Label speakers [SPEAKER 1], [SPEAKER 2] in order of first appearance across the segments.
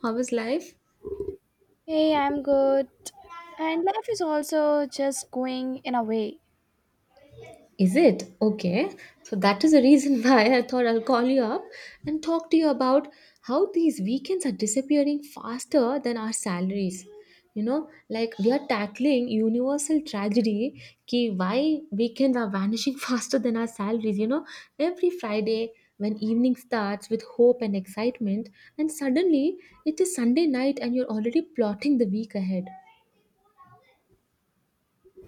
[SPEAKER 1] How is life?
[SPEAKER 2] Hey, I'm good. And life is also just going in a way.
[SPEAKER 1] Is it? Okay. So that is the reason why I thought I'll call you up and talk to you about how these weekends are disappearing faster than our salaries. You know, like we are tackling universal tragedy ki why weekends are vanishing faster than our salaries. You know, every Friday when evening starts with hope and excitement, and suddenly it is Sunday night and you're already plotting the week ahead.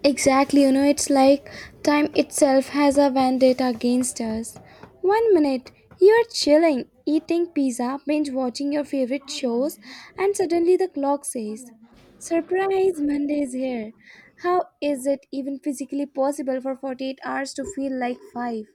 [SPEAKER 2] Exactly, you know, it's like time itself has a vendetta against us. One minute, you're chilling, eating pizza, binge watching your favorite shows, and suddenly the clock says, "Surprise, Monday is here." How is it even physically possible for 48 hours to feel like 5?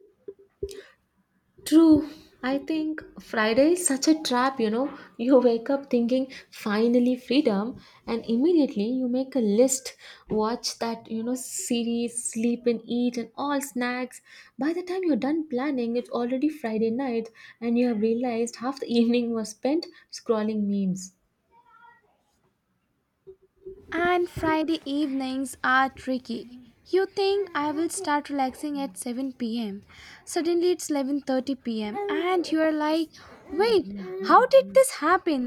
[SPEAKER 1] True. I think Friday is such a trap, you know. You wake up thinking, finally freedom, and immediately you make a list, watch that, you know, series, sleep and eat, and all snacks. By the time you're done planning, it's already Friday night, and you have realized half the evening was spent scrolling memes.
[SPEAKER 2] And Friday evenings are tricky. You think I will start relaxing at 7 pm. Suddenly it's 11:30 p.m. and you are like, "Wait, how did this happen?"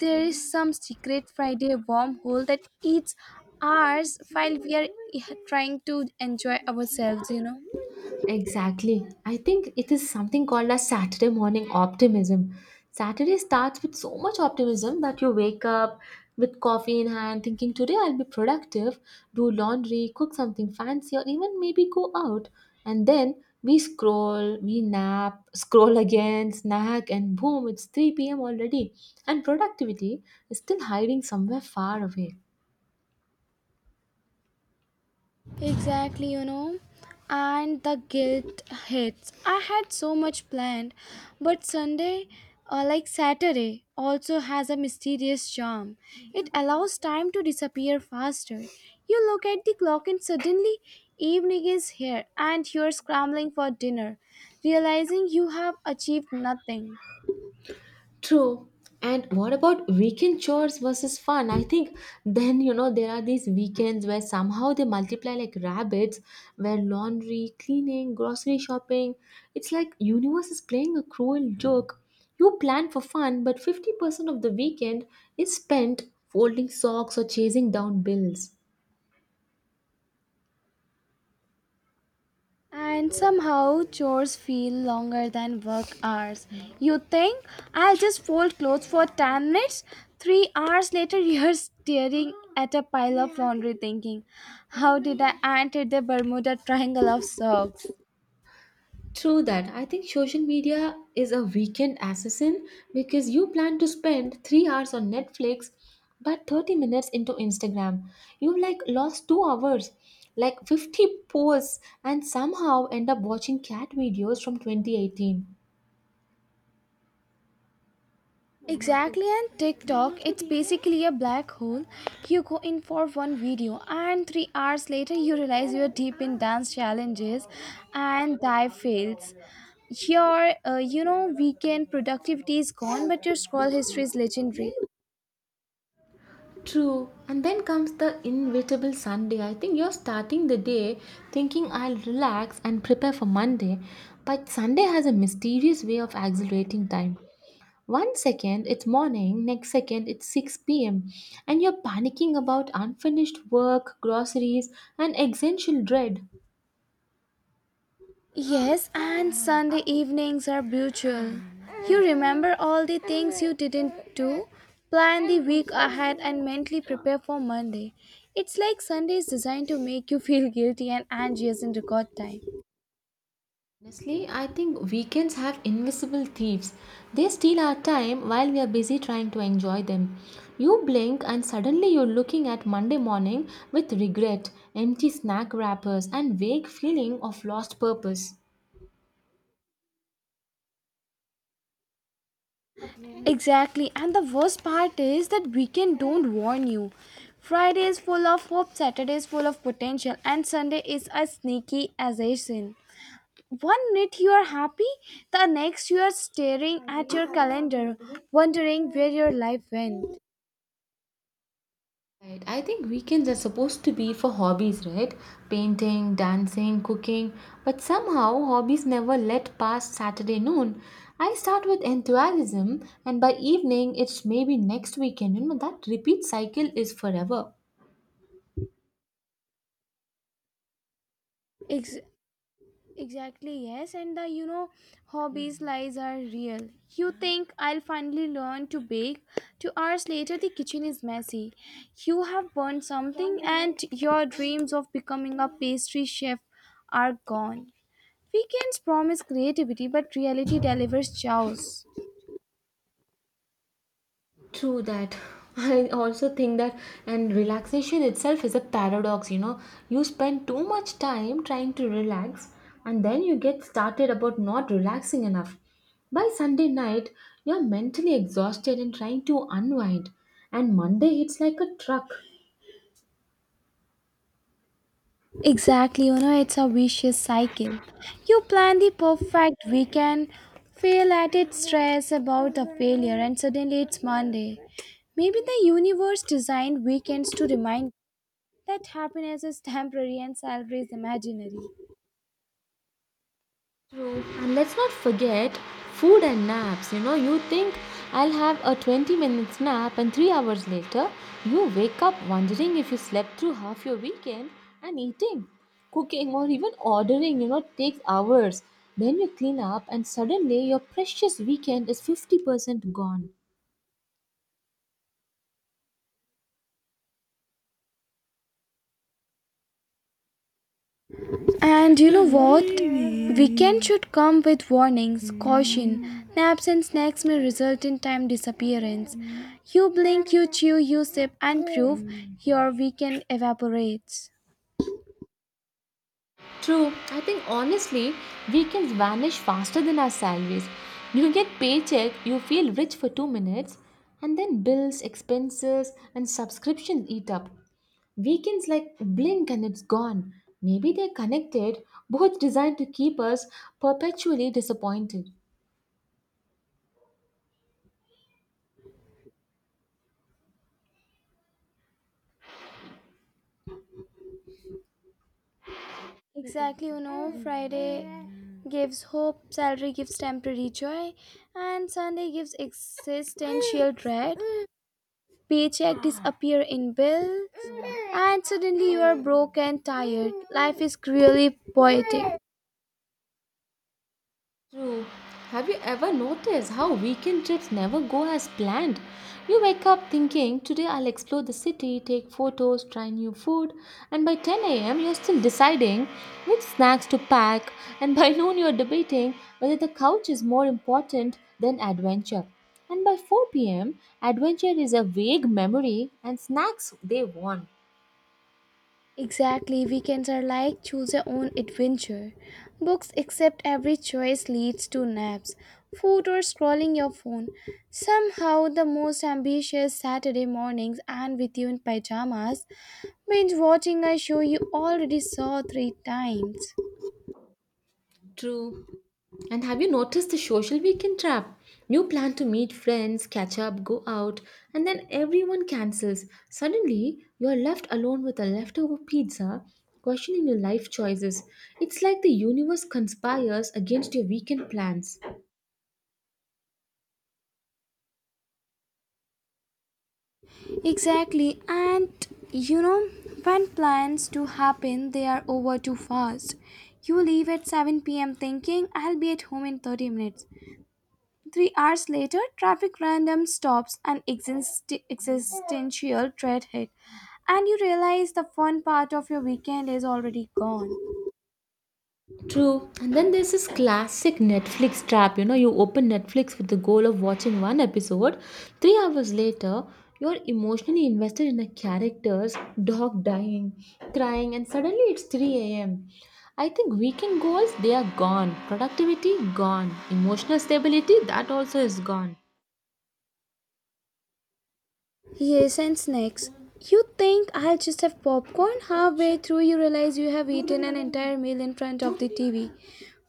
[SPEAKER 2] There is some secret Friday wormhole that eats hours while we are trying to enjoy ourselves, you know.
[SPEAKER 1] Exactly. I think it is something called as Saturday morning optimism. Saturday starts with so much optimism that you wake up with coffee in hand thinking today I'll be productive, do laundry, cook something fancy, or even maybe go out. And then we scroll, we nap, scroll again, snack, and boom, it's 3 p.m. already. And productivity is still hiding somewhere far away.
[SPEAKER 2] Exactly, you know. And the guilt hits. I had so much planned, but Sunday, like Saturday, also has a mysterious charm. It allows time to disappear faster. You look at the clock, and suddenly, evening is here, and you're scrambling for dinner, realizing you have achieved nothing.
[SPEAKER 1] True. And what about weekend chores versus fun? I think then, you know, there are these weekends where somehow they multiply like rabbits, where laundry, cleaning, grocery shopping, it's like universe is playing a cruel joke. You plan for fun, but 50% of the weekend is spent folding socks or chasing down bills.
[SPEAKER 2] And somehow chores feel longer than work hours. You think I'll just fold clothes for 10 minutes? 3 hours later, you're staring at a pile of laundry thinking, "How did I enter the Bermuda Triangle of socks?"
[SPEAKER 1] True that. I think social media is a weekend assassin because you plan to spend 3 hours on Netflix, but 30 minutes into Instagram. You like lost 2 hours, like 50 posts, and somehow end up watching cat videos from 2018.
[SPEAKER 2] Exactly, and TikTok, it's basically a black hole. You go in for one video, and 3 hours later, you realize you're deep in dance challenges and dive fails. Your weekend productivity is gone, but your scroll history is legendary.
[SPEAKER 1] True. And then comes the inevitable Sunday. I think you're starting the day thinking I'll relax and prepare for Monday, but Sunday has a mysterious way of accelerating time. 1 second it's morning, next second it's 6 p.m., and you're panicking about unfinished work, groceries, and existential dread.
[SPEAKER 2] Yes, and Sunday evenings are brutal. You remember all the things you didn't do, plan the week ahead, and mentally prepare for Monday. It's like Sunday is designed to make you feel guilty and anxious in record time.
[SPEAKER 1] Honestly, I think weekends have invisible thieves. They steal our time while we are busy trying to enjoy them. You blink, and suddenly you're looking at Monday morning with regret, empty snack wrappers, and vague feeling of lost purpose.
[SPEAKER 2] Exactly, and the worst part is that weekend don't warn you. Friday is full of hope, Saturday is full of potential, and Sunday is as sneaky as a sin. One minute you are happy, the next you are staring at your calendar, wondering where your life went.
[SPEAKER 1] Right. I think weekends are supposed to be for hobbies, right? Painting, dancing, cooking. But somehow, hobbies never let past Saturday noon. I start with enthusiasm, and by evening, it's maybe next weekend. You know, that repeat cycle is forever.
[SPEAKER 2] Ex- exactly, yes, and the hobbies lies are real. You think I'll finally learn to bake, 2 hours later the kitchen is messy. You have burned something, and your dreams of becoming a pastry chef are gone. Weekends promise creativity, but reality delivers chaos.
[SPEAKER 1] True that. I also think that, and relaxation itself is a paradox, you know. You spend too much time trying to relax, and then you get started about not relaxing enough. By Sunday night, you're mentally exhausted and trying to unwind, and Monday hits like a truck.
[SPEAKER 2] Exactly, you know, it's a vicious cycle. You plan the perfect weekend, fail at it, stress about the failure, and suddenly it's Monday. Maybe the universe designed weekends to remind that happiness is temporary and salary is imaginary.
[SPEAKER 1] True. And let's not forget food and naps. You know, you think I'll have a 20 minutes nap, and 3 hours later, you wake up wondering if you slept through half your weekend and eating, cooking, or even ordering, you know, takes hours. Then you clean up, and suddenly your precious weekend is 50% gone.
[SPEAKER 2] And you know what? Weekend should come with warnings, caution. Naps and snacks may result in time disappearance. You blink, you chew, you sip, and prove your weekend evaporates.
[SPEAKER 1] True, I think honestly, weekends vanish faster than our salaries. You get paycheck, you feel rich for 2 minutes, and then bills, expenses, and subscriptions eat up. Weekends like blink and it's gone. Maybe they're connected, both designed to keep us perpetually disappointed.
[SPEAKER 2] Exactly, you know, Friday gives hope, salary gives temporary joy, and Sunday gives existential dread. Paycheck disappear in bills, and suddenly you are broke and tired. Life is really poetic.
[SPEAKER 1] True. Have you ever noticed how weekend trips never go as planned? You wake up thinking, today I'll explore the city, take photos, try new food, and by 10 a.m. you're still deciding which snacks to pack, and by noon you're debating whether the couch is more important than adventure. And by 4 p.m., adventure is a vague memory and snacks they want.
[SPEAKER 2] Exactly, weekends are like choose your own adventure. Books accept every choice leads to naps, food, or scrolling your phone. Somehow, the most ambitious Saturday mornings and with you in pajamas binge watching a show you already saw three times.
[SPEAKER 1] True. And have you noticed the social weekend trap? You plan to meet friends, catch up, go out, and then everyone cancels. Suddenly, you're left alone with a leftover pizza, questioning your life choices. It's like the universe conspires against your weekend plans.
[SPEAKER 2] Exactly, and you know, when plans to happen, they are over too fast. You leave at 7 p.m. thinking, I'll be at home in 30 minutes. 3 hours later, traffic random stops and existential dread hit, and you realize the fun part of your weekend is already gone.
[SPEAKER 1] True. And then there's this classic Netflix trap. You know, you open Netflix with the goal of watching one episode. 3 hours later, you're emotionally invested in a character's dog dying, crying, and suddenly it's 3 a.m. I think weekend goals, they are gone. Productivity, gone. Emotional stability, that also is gone.
[SPEAKER 2] Yes, and snacks. You think I'll just have popcorn? Halfway through, you realize you have eaten an entire meal in front of the TV.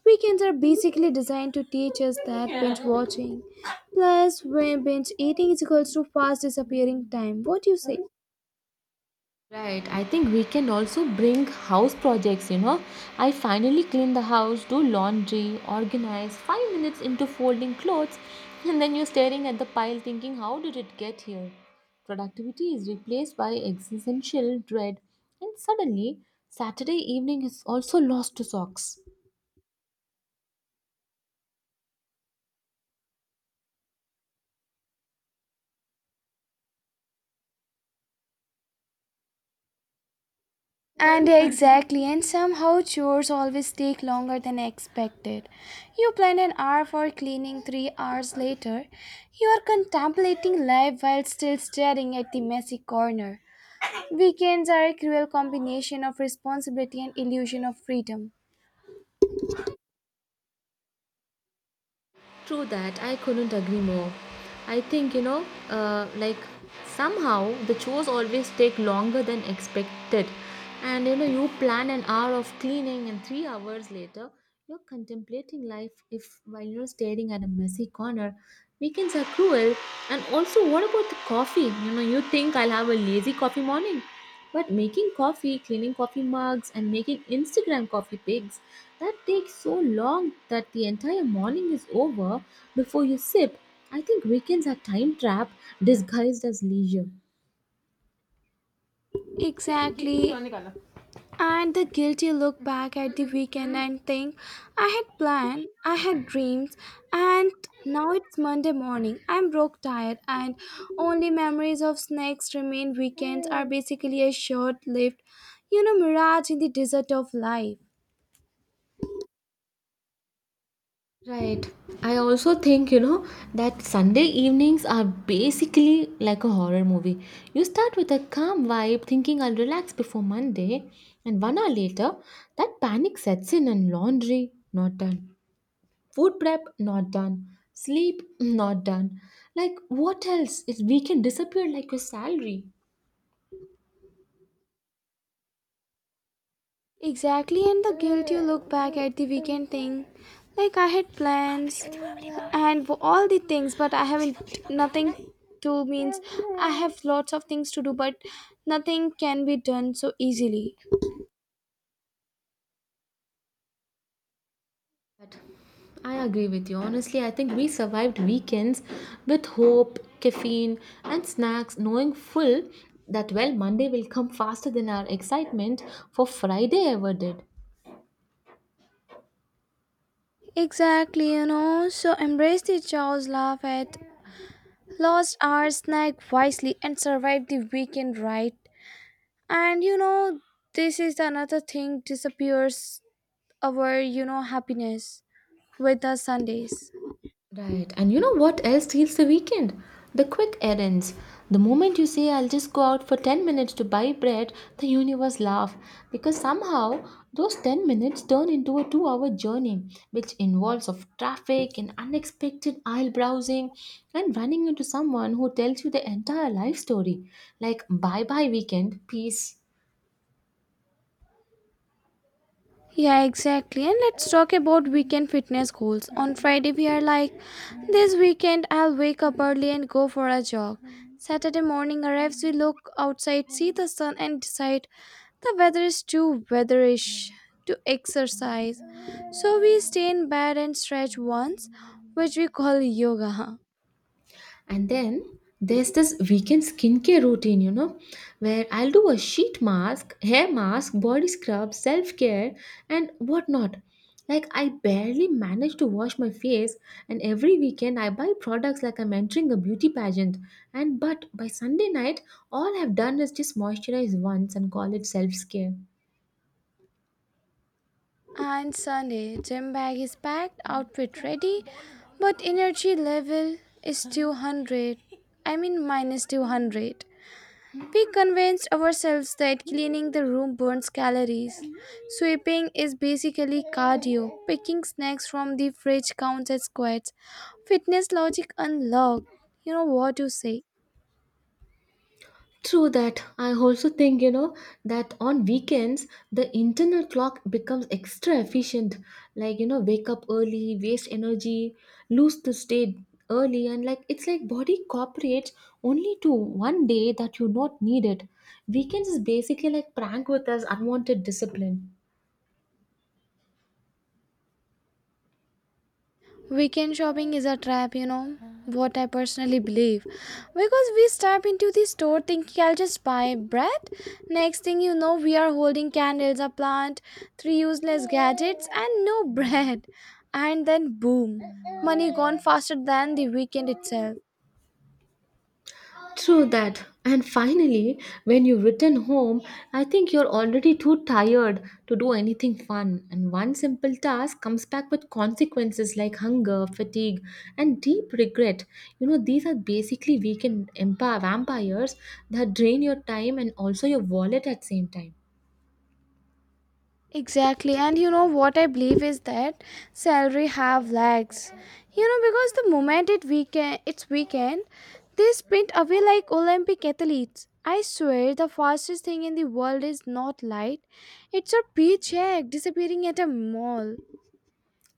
[SPEAKER 2] Weekends are basically designed to teach us that binge watching. Plus, when binge eating is equals to fast disappearing time. What do you say?
[SPEAKER 1] Right, I think we can also bring house projects, you know. I finally clean the house, do laundry, organize, 5 minutes into folding clothes, and then you're staring at the pile thinking, how did it get here? Productivity is replaced by existential dread, and suddenly, Saturday evening is also lost to socks.
[SPEAKER 2] And exactly, and somehow chores always take longer than expected. You plan an hour for cleaning 3 hours later. You are contemplating life while still staring at the messy corner. Weekends are a cruel combination of responsibility and illusion of freedom.
[SPEAKER 1] True that, I couldn't agree more. I think, you know, like somehow the chores always take longer than expected. And, you know, you plan an hour of cleaning and 3 hours later, you're contemplating life if while you're staring at a messy corner. Weekends are cruel. And also, what about the coffee? You know, you think I'll have a lazy coffee morning, but making coffee, cleaning coffee mugs, and making Instagram coffee pics, that takes so long that the entire morning is over before you sip. I think weekends are time trap disguised as leisure.
[SPEAKER 2] Exactly. And the guilty look back at the weekend and think, I had planned, I had dreams, and now it's Monday morning. I'm broke tired, and only memories of snacks remain. Weekends are basically a short lived, you know, mirage in the desert of life.
[SPEAKER 1] Right. I also think, you know, that Sunday evenings are basically like a horror movie. You start with a calm vibe, thinking I'll relax before Monday, and 1 hour later, that panic sets in and laundry not done. Food prep, not done. Sleep, not done. Like, what else? It weekend disappeared like your salary.
[SPEAKER 2] Exactly, and the guilt you look back at the weekend thing. Like I had plans and all the things, but I haven't nothing to means I have lots of things to do, but nothing can be done so easily.
[SPEAKER 1] But I agree with you. Honestly, I think we survived weekends with hope, caffeine, and snacks, knowing full that, well, Monday will come faster than our excitement for Friday ever did.
[SPEAKER 2] Exactly, you know. So embrace the chaos, laugh at lost hours, snack wisely, and survive the weekend right. And you know, this is another thing disappears our, you know, happiness with the Sundays.
[SPEAKER 1] Right. And you know what else steals the weekend? The quick errands. The moment you say, I'll just go out for 10 minutes to buy bread, the universe laugh because somehow those 10 minutes turn into a 2 hour journey, which involves of traffic and unexpected aisle browsing and running into someone who tells you the entire life story. Like, bye bye weekend, peace.
[SPEAKER 2] Yeah, exactly. And let's talk about weekend fitness goals. On Friday, we are like, this weekend I'll wake up early and go for a jog. Saturday morning arrives, we look outside, see the sun, and decide the weather is too weatherish to exercise. So we stay in bed and stretch once, which we call yoga. Huh?
[SPEAKER 1] And then there's this weekend skincare routine, you know, where I'll do a sheet mask, hair mask, body scrub, self care, and whatnot. Like, I barely manage to wash my face, and every weekend I buy products like I'm entering a beauty pageant. And but by Sunday night, all I've done is just moisturize once and call it self care.
[SPEAKER 2] And Sunday, gym bag is packed, outfit ready, but energy level is 200. I mean, minus 200. We convinced ourselves that cleaning the room burns calories. Sweeping is basically cardio. Picking snacks from the fridge counts as squats. Fitness logic unlocked. You know what to say.
[SPEAKER 1] True that. I also think, you know, that on weekends, the internal clock becomes extra efficient. Like, you know, wake up early, waste energy, lose the state early, and like it's like body cooperates only to one day that you not need it. Weekends is basically like prank with us unwanted discipline.
[SPEAKER 2] Weekend shopping is a trap, you know, what I personally believe. Because we step into the store thinking I'll just buy bread. Next thing you know, we are holding candles, a plant, three useless gadgets, and no bread. And then boom, money gone faster than the weekend itself.
[SPEAKER 1] True that. And finally, when you return home, I think you're already too tired to do anything fun. And one simple task comes back with consequences like hunger, fatigue, and deep regret. You know, these are basically weekend vampires that drain your time and also your wallet at same time.
[SPEAKER 2] Exactly, and you know what I believe is that salary have legs. You know because the moment it weekend, it's weekend, they sprint away like Olympic athletes. I swear the fastest thing in the world is not light; it's a paycheck disappearing at a mall.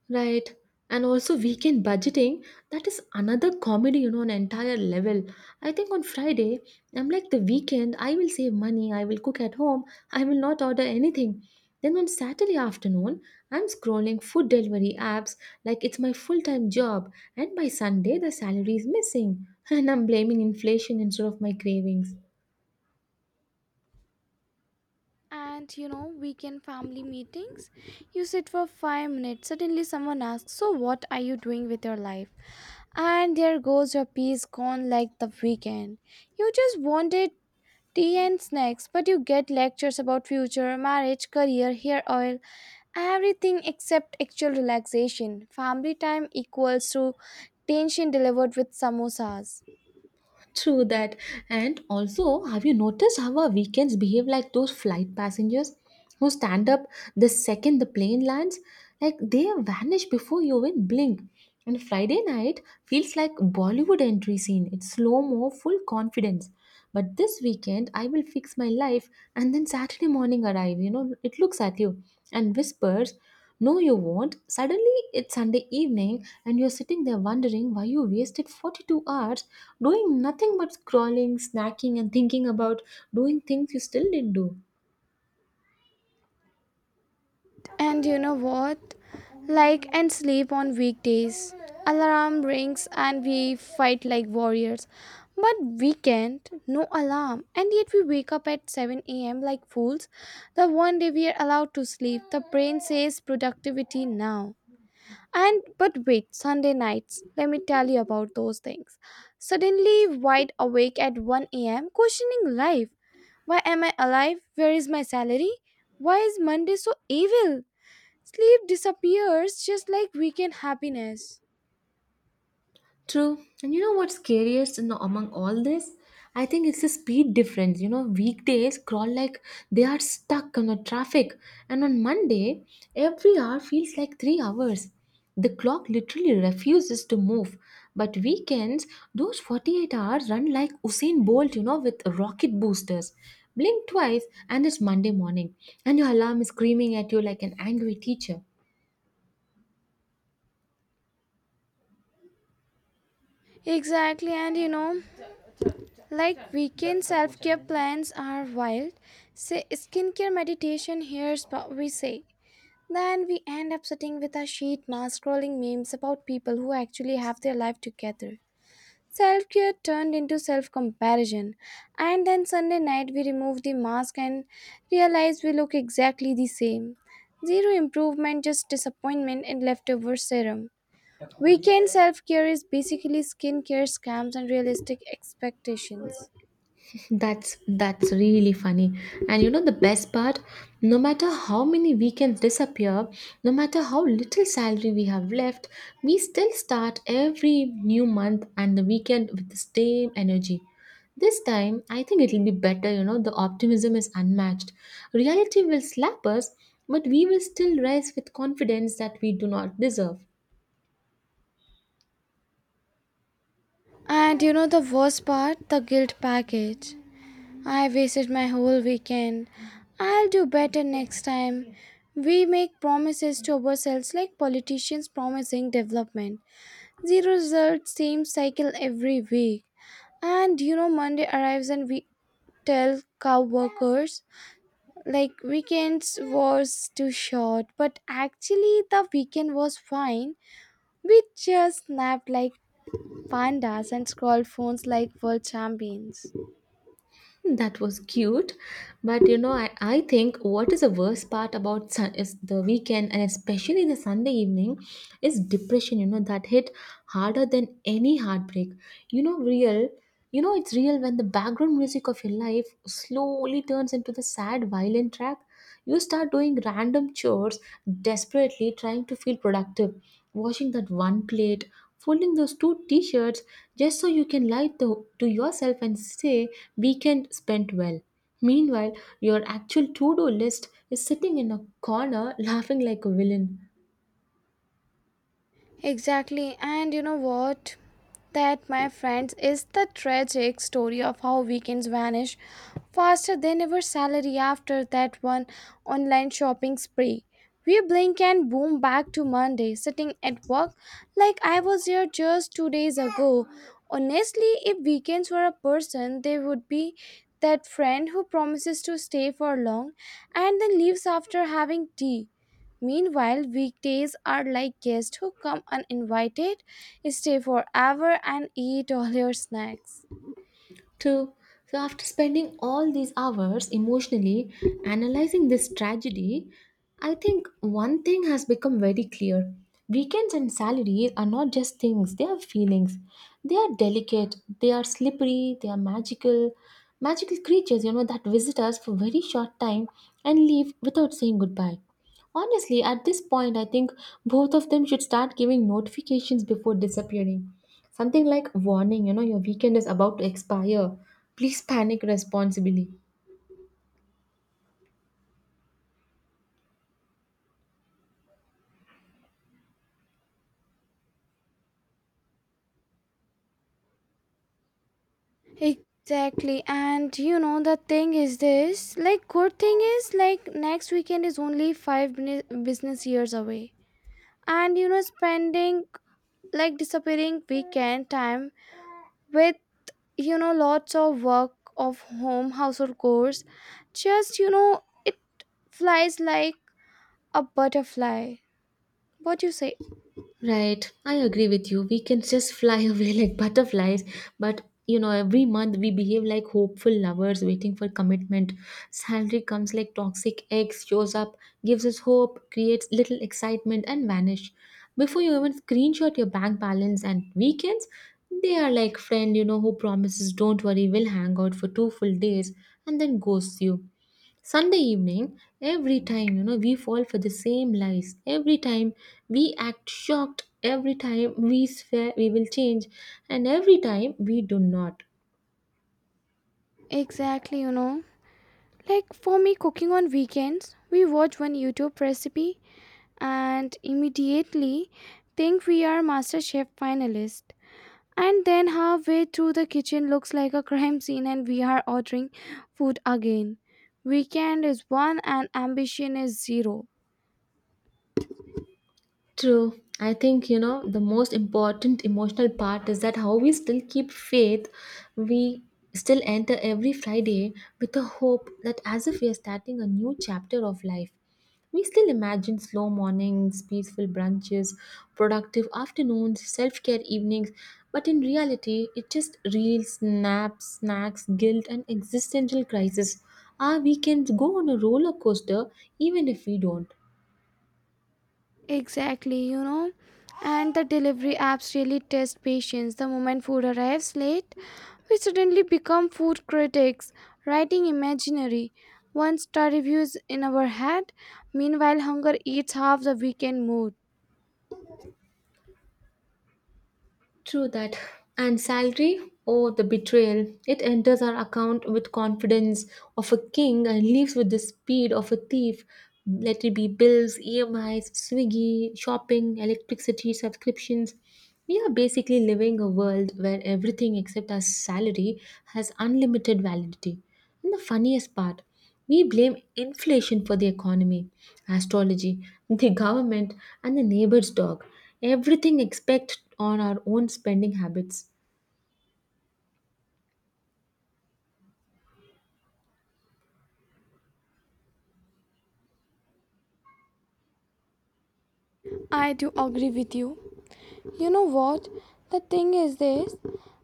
[SPEAKER 1] Right. And also weekend budgeting, that is another comedy, you know, on entire level. I think on Friday, I'm like the weekend, I will save money, I will cook at home, I will not order anything. Then on Saturday afternoon, I'm scrolling food delivery apps like it's my full-time job, and by Sunday the salary is missing, and I'm blaming inflation instead of my cravings.
[SPEAKER 2] And you know weekend family meetings, you sit for 5 minutes. Suddenly someone asks, "So what are you doing with your life?" And there goes your peace gone like the weekend. You just wanted tea and snacks, but you get lectures about future, marriage, career, hair oil, everything except actual relaxation. Family time equals to tension delivered with samosas.
[SPEAKER 1] True that. And also, have you noticed how our weekends behave like those flight passengers who stand up the second the plane lands? Like they vanish before you even blink. And Friday night feels like Bollywood entry scene. It's slow mo, full confidence. But this weekend, I will fix my life, and then Saturday morning arrive. You know, it looks at you and whispers, no, you won't. Suddenly, it's Sunday evening, and you're sitting there wondering why you wasted 42 hours doing nothing but scrolling, snacking, and thinking about doing things you still didn't do.
[SPEAKER 2] And you know what? Like and sleep on weekdays. Alarm rings and we fight like warriors. But weekend, no alarm, and yet we wake up at 7 a.m. like fools. The one day we are allowed to sleep, the brain says productivity now. And but wait, Sunday nights, let me tell you about those things. Suddenly wide awake at 1 a.m., questioning life. Why am I alive? Where is my salary? Why is Monday so evil? Sleep disappears just like weekend happiness.
[SPEAKER 1] True. And you know what's scariest in, among all this? I think it's the speed difference. You know, weekdays crawl like they are stuck on the traffic. And on Monday, every hour feels like 3 hours. The clock literally refuses to move. But weekends, those 48 hours run like Usain Bolt, you know, with rocket boosters. Blink twice and it's Monday morning. And your alarm is screaming at you like an angry teacher.
[SPEAKER 2] Exactly, and you know, like weekend self care plans are wild. Say skincare meditation, here's what we say. Then we end up sitting with our sheet mask, scrolling memes about people who actually have their life together. Self care turned into self comparison, and then Sunday night we removed the mask and realized we look exactly the same. Zero improvement, just disappointment and leftover serum. Weekend self care is basically skincare scams and realistic expectations.
[SPEAKER 1] That's really funny. And you know the best part, no matter how many weekends disappear, no matter how little salary we have left, we still start every new month and the weekend with the same energy. This time, I think it'll be better, you know, the optimism is unmatched. Reality will slap us, but we will still rise with confidence that we do not deserve.
[SPEAKER 2] And you know the worst part? The guilt package. I wasted my whole weekend. I'll do better next time. We make promises to ourselves like politicians promising development. Zero result, same cycle every week. And you know, Monday arrives and we tell cow workers like weekends was too short, but actually the weekend was fine. We just napped like pandas and scrolled phones like world champions.
[SPEAKER 1] That was cute. But you know, I think what is the worst part about sun, is the weekend, and especially the Sunday evening is depression, you know, that hit harder than any heartbreak. You know, you know, it's real when the background music of your life slowly turns into the sad violin track. You start doing random chores, desperately trying to feel productive, washing that one plate, folding those two t shirts just so you can lie to yourself and say, weekend spent well. Meanwhile, your actual to do list is sitting in a corner laughing like a villain.
[SPEAKER 2] Exactly, and you know what? That, my friends, is the tragic story of how weekends vanish faster than ever salary after that one online shopping spree. We blink and boom back to Monday, sitting at work like I was here just 2 days ago. Honestly, if weekends were a person, they would be that friend who promises to stay for long and then leaves after having tea. Meanwhile, weekdays are like guests who come uninvited, stay forever, and eat all your snacks.
[SPEAKER 1] True. So, after spending all these hours emotionally analyzing this tragedy, I think one thing has become very clear. Weekends and salaries are not just things, they are feelings. They are delicate, they are slippery, they are magical. Magical creatures, you know, that visit us for very short time and leave without saying goodbye. Honestly, at this point, I think both of them should start giving notifications before disappearing. Something like warning, you know, your weekend is about to expire. Please panic responsibly.
[SPEAKER 2] Exactly, and you know the thing is this like, good thing is like next weekend is only five business years away, and you know, spending like disappearing weekend time with, you know, lots of work of home household chores just, you know, it flies like a butterfly. What do you say?
[SPEAKER 1] Right, I agree with you. We can just fly away like butterflies, but you know, every month we behave like hopeful lovers waiting for commitment. Salary comes like toxic eggs, shows up, gives us hope, creates little excitement, and vanish. Before you even screenshot your bank balance and weekends, they are like friend, you know, who promises, "Don't worry, we'll hang out for two full days," and then ghosts you. Sunday evening, every time, you know, we fall for the same lies. Every time we act shocked, every time we swear we will change, and every time we do not.
[SPEAKER 2] Exactly, you know. Like for me, cooking on weekends, we watch one YouTube recipe and immediately think we are master chef finalist. And then halfway through the kitchen looks like a crime scene and we are ordering food again. Weekend is one and ambition is zero.
[SPEAKER 1] True. I think, you know, the most important emotional part is that how we still keep faith, we still enter every Friday with the hope that as if we are starting a new chapter of life. We still imagine slow mornings, peaceful brunches, productive afternoons, self care evenings, but in reality, it just reels, snaps, snacks, guilt, and existential crisis. Our weekends go on a roller coaster even if we don't.
[SPEAKER 2] Exactly, you know. And the delivery apps really test patience. The moment food arrives late, we suddenly become food critics, writing imaginary one star reviews in our head. Meanwhile, hunger eats half the weekend mood.
[SPEAKER 1] True that. And salary? Oh, the betrayal. It enters our account with confidence of a king and leaves with the speed of a thief. Let it be bills, EMIs, Swiggy, shopping, electricity, subscriptions. We are basically living a world where everything except our salary has unlimited validity. And the funniest part, we blame inflation for the economy, astrology, the government, and the neighbor's dog. Everything except on our own spending habits.
[SPEAKER 2] I do agree with you. You know what? The thing is this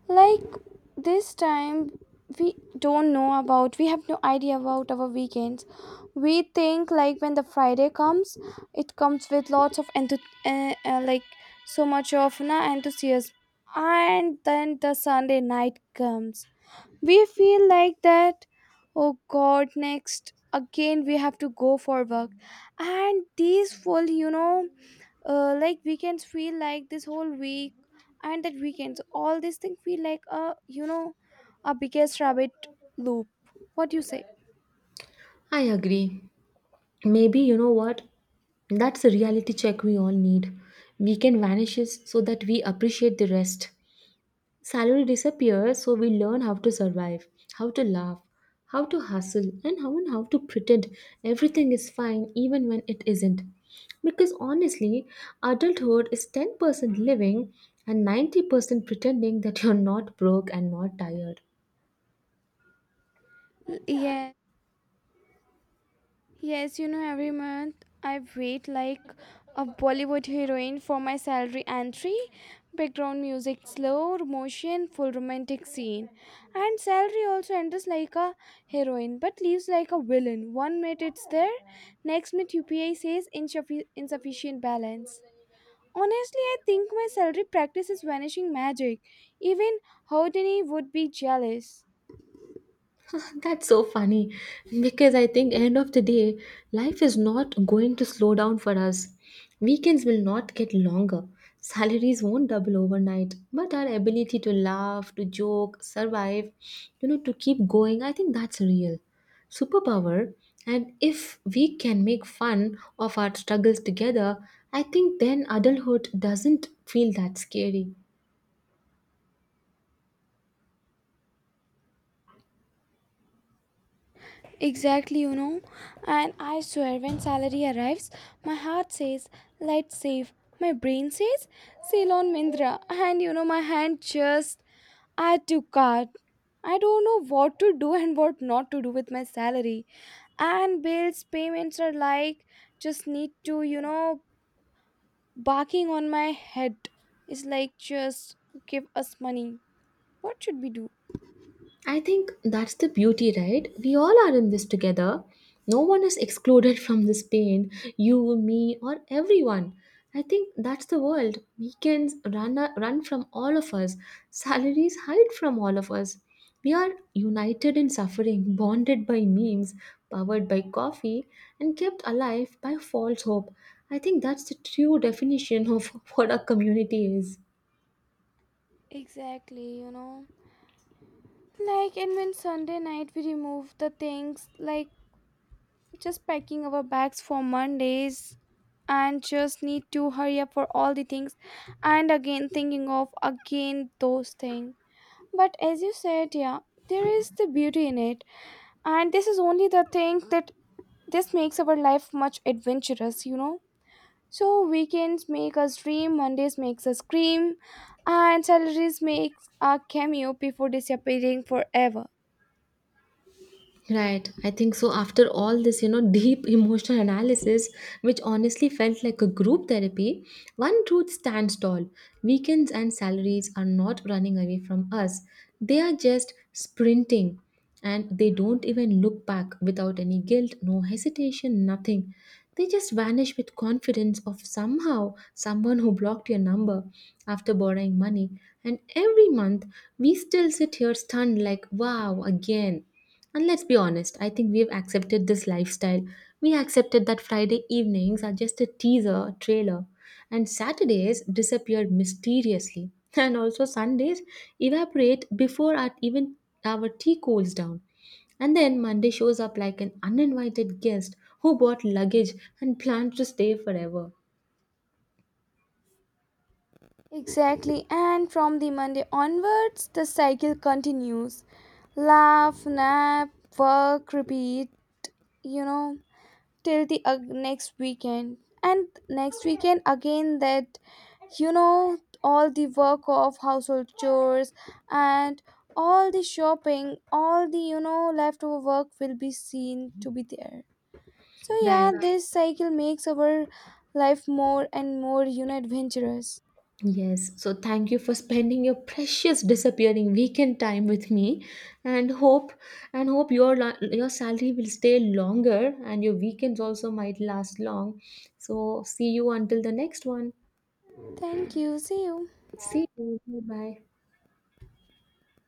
[SPEAKER 2] like this time we don't know about, we have no idea about our weekends. We think like when the Friday comes, it comes with lots of like so much of na enthusiasm, and then the Sunday night comes. We feel like that, oh God, next again we have to go for work. And these full, you know, like weekends feel like this whole week, and that weekends, all these things feel like a, you know, a biggest rabbit loop. What do you say?
[SPEAKER 1] I agree. Maybe you know what? That's a reality check we all need. Weekend vanishes so that we appreciate the rest. Salary disappears, so we learn how to survive, how to laugh, how to hustle, and how to pretend everything is fine even when it isn't. Because honestly, adulthood is 10% living and 90% pretending that you're not broke and not tired.
[SPEAKER 2] Yeah. Yes, you know, every month I wait like a Bollywood heroine for my salary entry, background music slow, motion, full romantic scene. And salary also enters like a heroine but leaves like a villain. One minute it's there, next minute UPI says insufficient balance. Honestly, I think my salary practice is vanishing magic. Even Houdini would be jealous.
[SPEAKER 1] That's so funny because I think end of the day life is not going to slow down for us. Weekends will not get longer. Salaries won't double overnight, but our ability to laugh, to joke, survive, you know, to keep going, I think that's a real superpower. And if we can make fun of our struggles together, I think then adulthood doesn't feel that scary.
[SPEAKER 2] Exactly, you know. And I swear, when salary arrives, my heart says, let's save. My brain says, sail on Mindra. And you know, my hand just add to cart. I don't know what to do and what not to do with my salary. And bills, payments are like, just need to, you know, barking on my head. It's like, just give us money. What should we do?
[SPEAKER 1] I think that's the beauty, right? We all are in this together. No one is excluded from this pain. You, me, or everyone. I think that's the world. Weekends run from all of us, salaries hide from all of us. We are united in suffering, bonded by memes, powered by coffee, and kept alive by false hope. I think that's the true definition of what a community is.
[SPEAKER 2] Exactly, you know. Like, and when Sunday night we remove the things, like just packing our bags for Mondays and just need to hurry up for all the things and again thinking of again those things. But as you said, yeah, there is the beauty in it, and this is only the thing that this makes our life much adventurous, you know. So weekends make us dream, Mondays makes us scream, and salaries makes a cameo before disappearing forever.
[SPEAKER 1] Right, I think so. After all this, you know, deep emotional analysis, which honestly felt like a group therapy, one truth stands tall. Weekends and salaries are not running away from us, they are just sprinting and they don't even look back without any guilt, no hesitation, nothing. They just vanish with confidence of somehow someone who blocked your number after borrowing money. And every month, we still sit here stunned, like, wow, again. And let's be honest, I think we've accepted this lifestyle. We accepted that Friday evenings are just a teaser, a trailer, and Saturdays disappear mysteriously. And also Sundays evaporate before our, even our tea cools down. And then Monday shows up like an uninvited guest who bought luggage and plans to stay forever.
[SPEAKER 2] Exactly, and from the Monday onwards, the cycle continues. Laugh, nap, work, repeat, you know, till the next weekend. And next weekend, again, that, you know, all the work of household chores and all the shopping, all the, you know, leftover work will be seen to be there. So, yeah,
[SPEAKER 1] Right.
[SPEAKER 2] this cycle makes our life more and more, you know, adventurous.
[SPEAKER 1] Yes, so thank you for spending your precious disappearing weekend time with me and hope and hope your your salary will stay longer and your weekends also might last long. So see you until the next one.
[SPEAKER 2] Thank you. See you.
[SPEAKER 1] See you. Bye.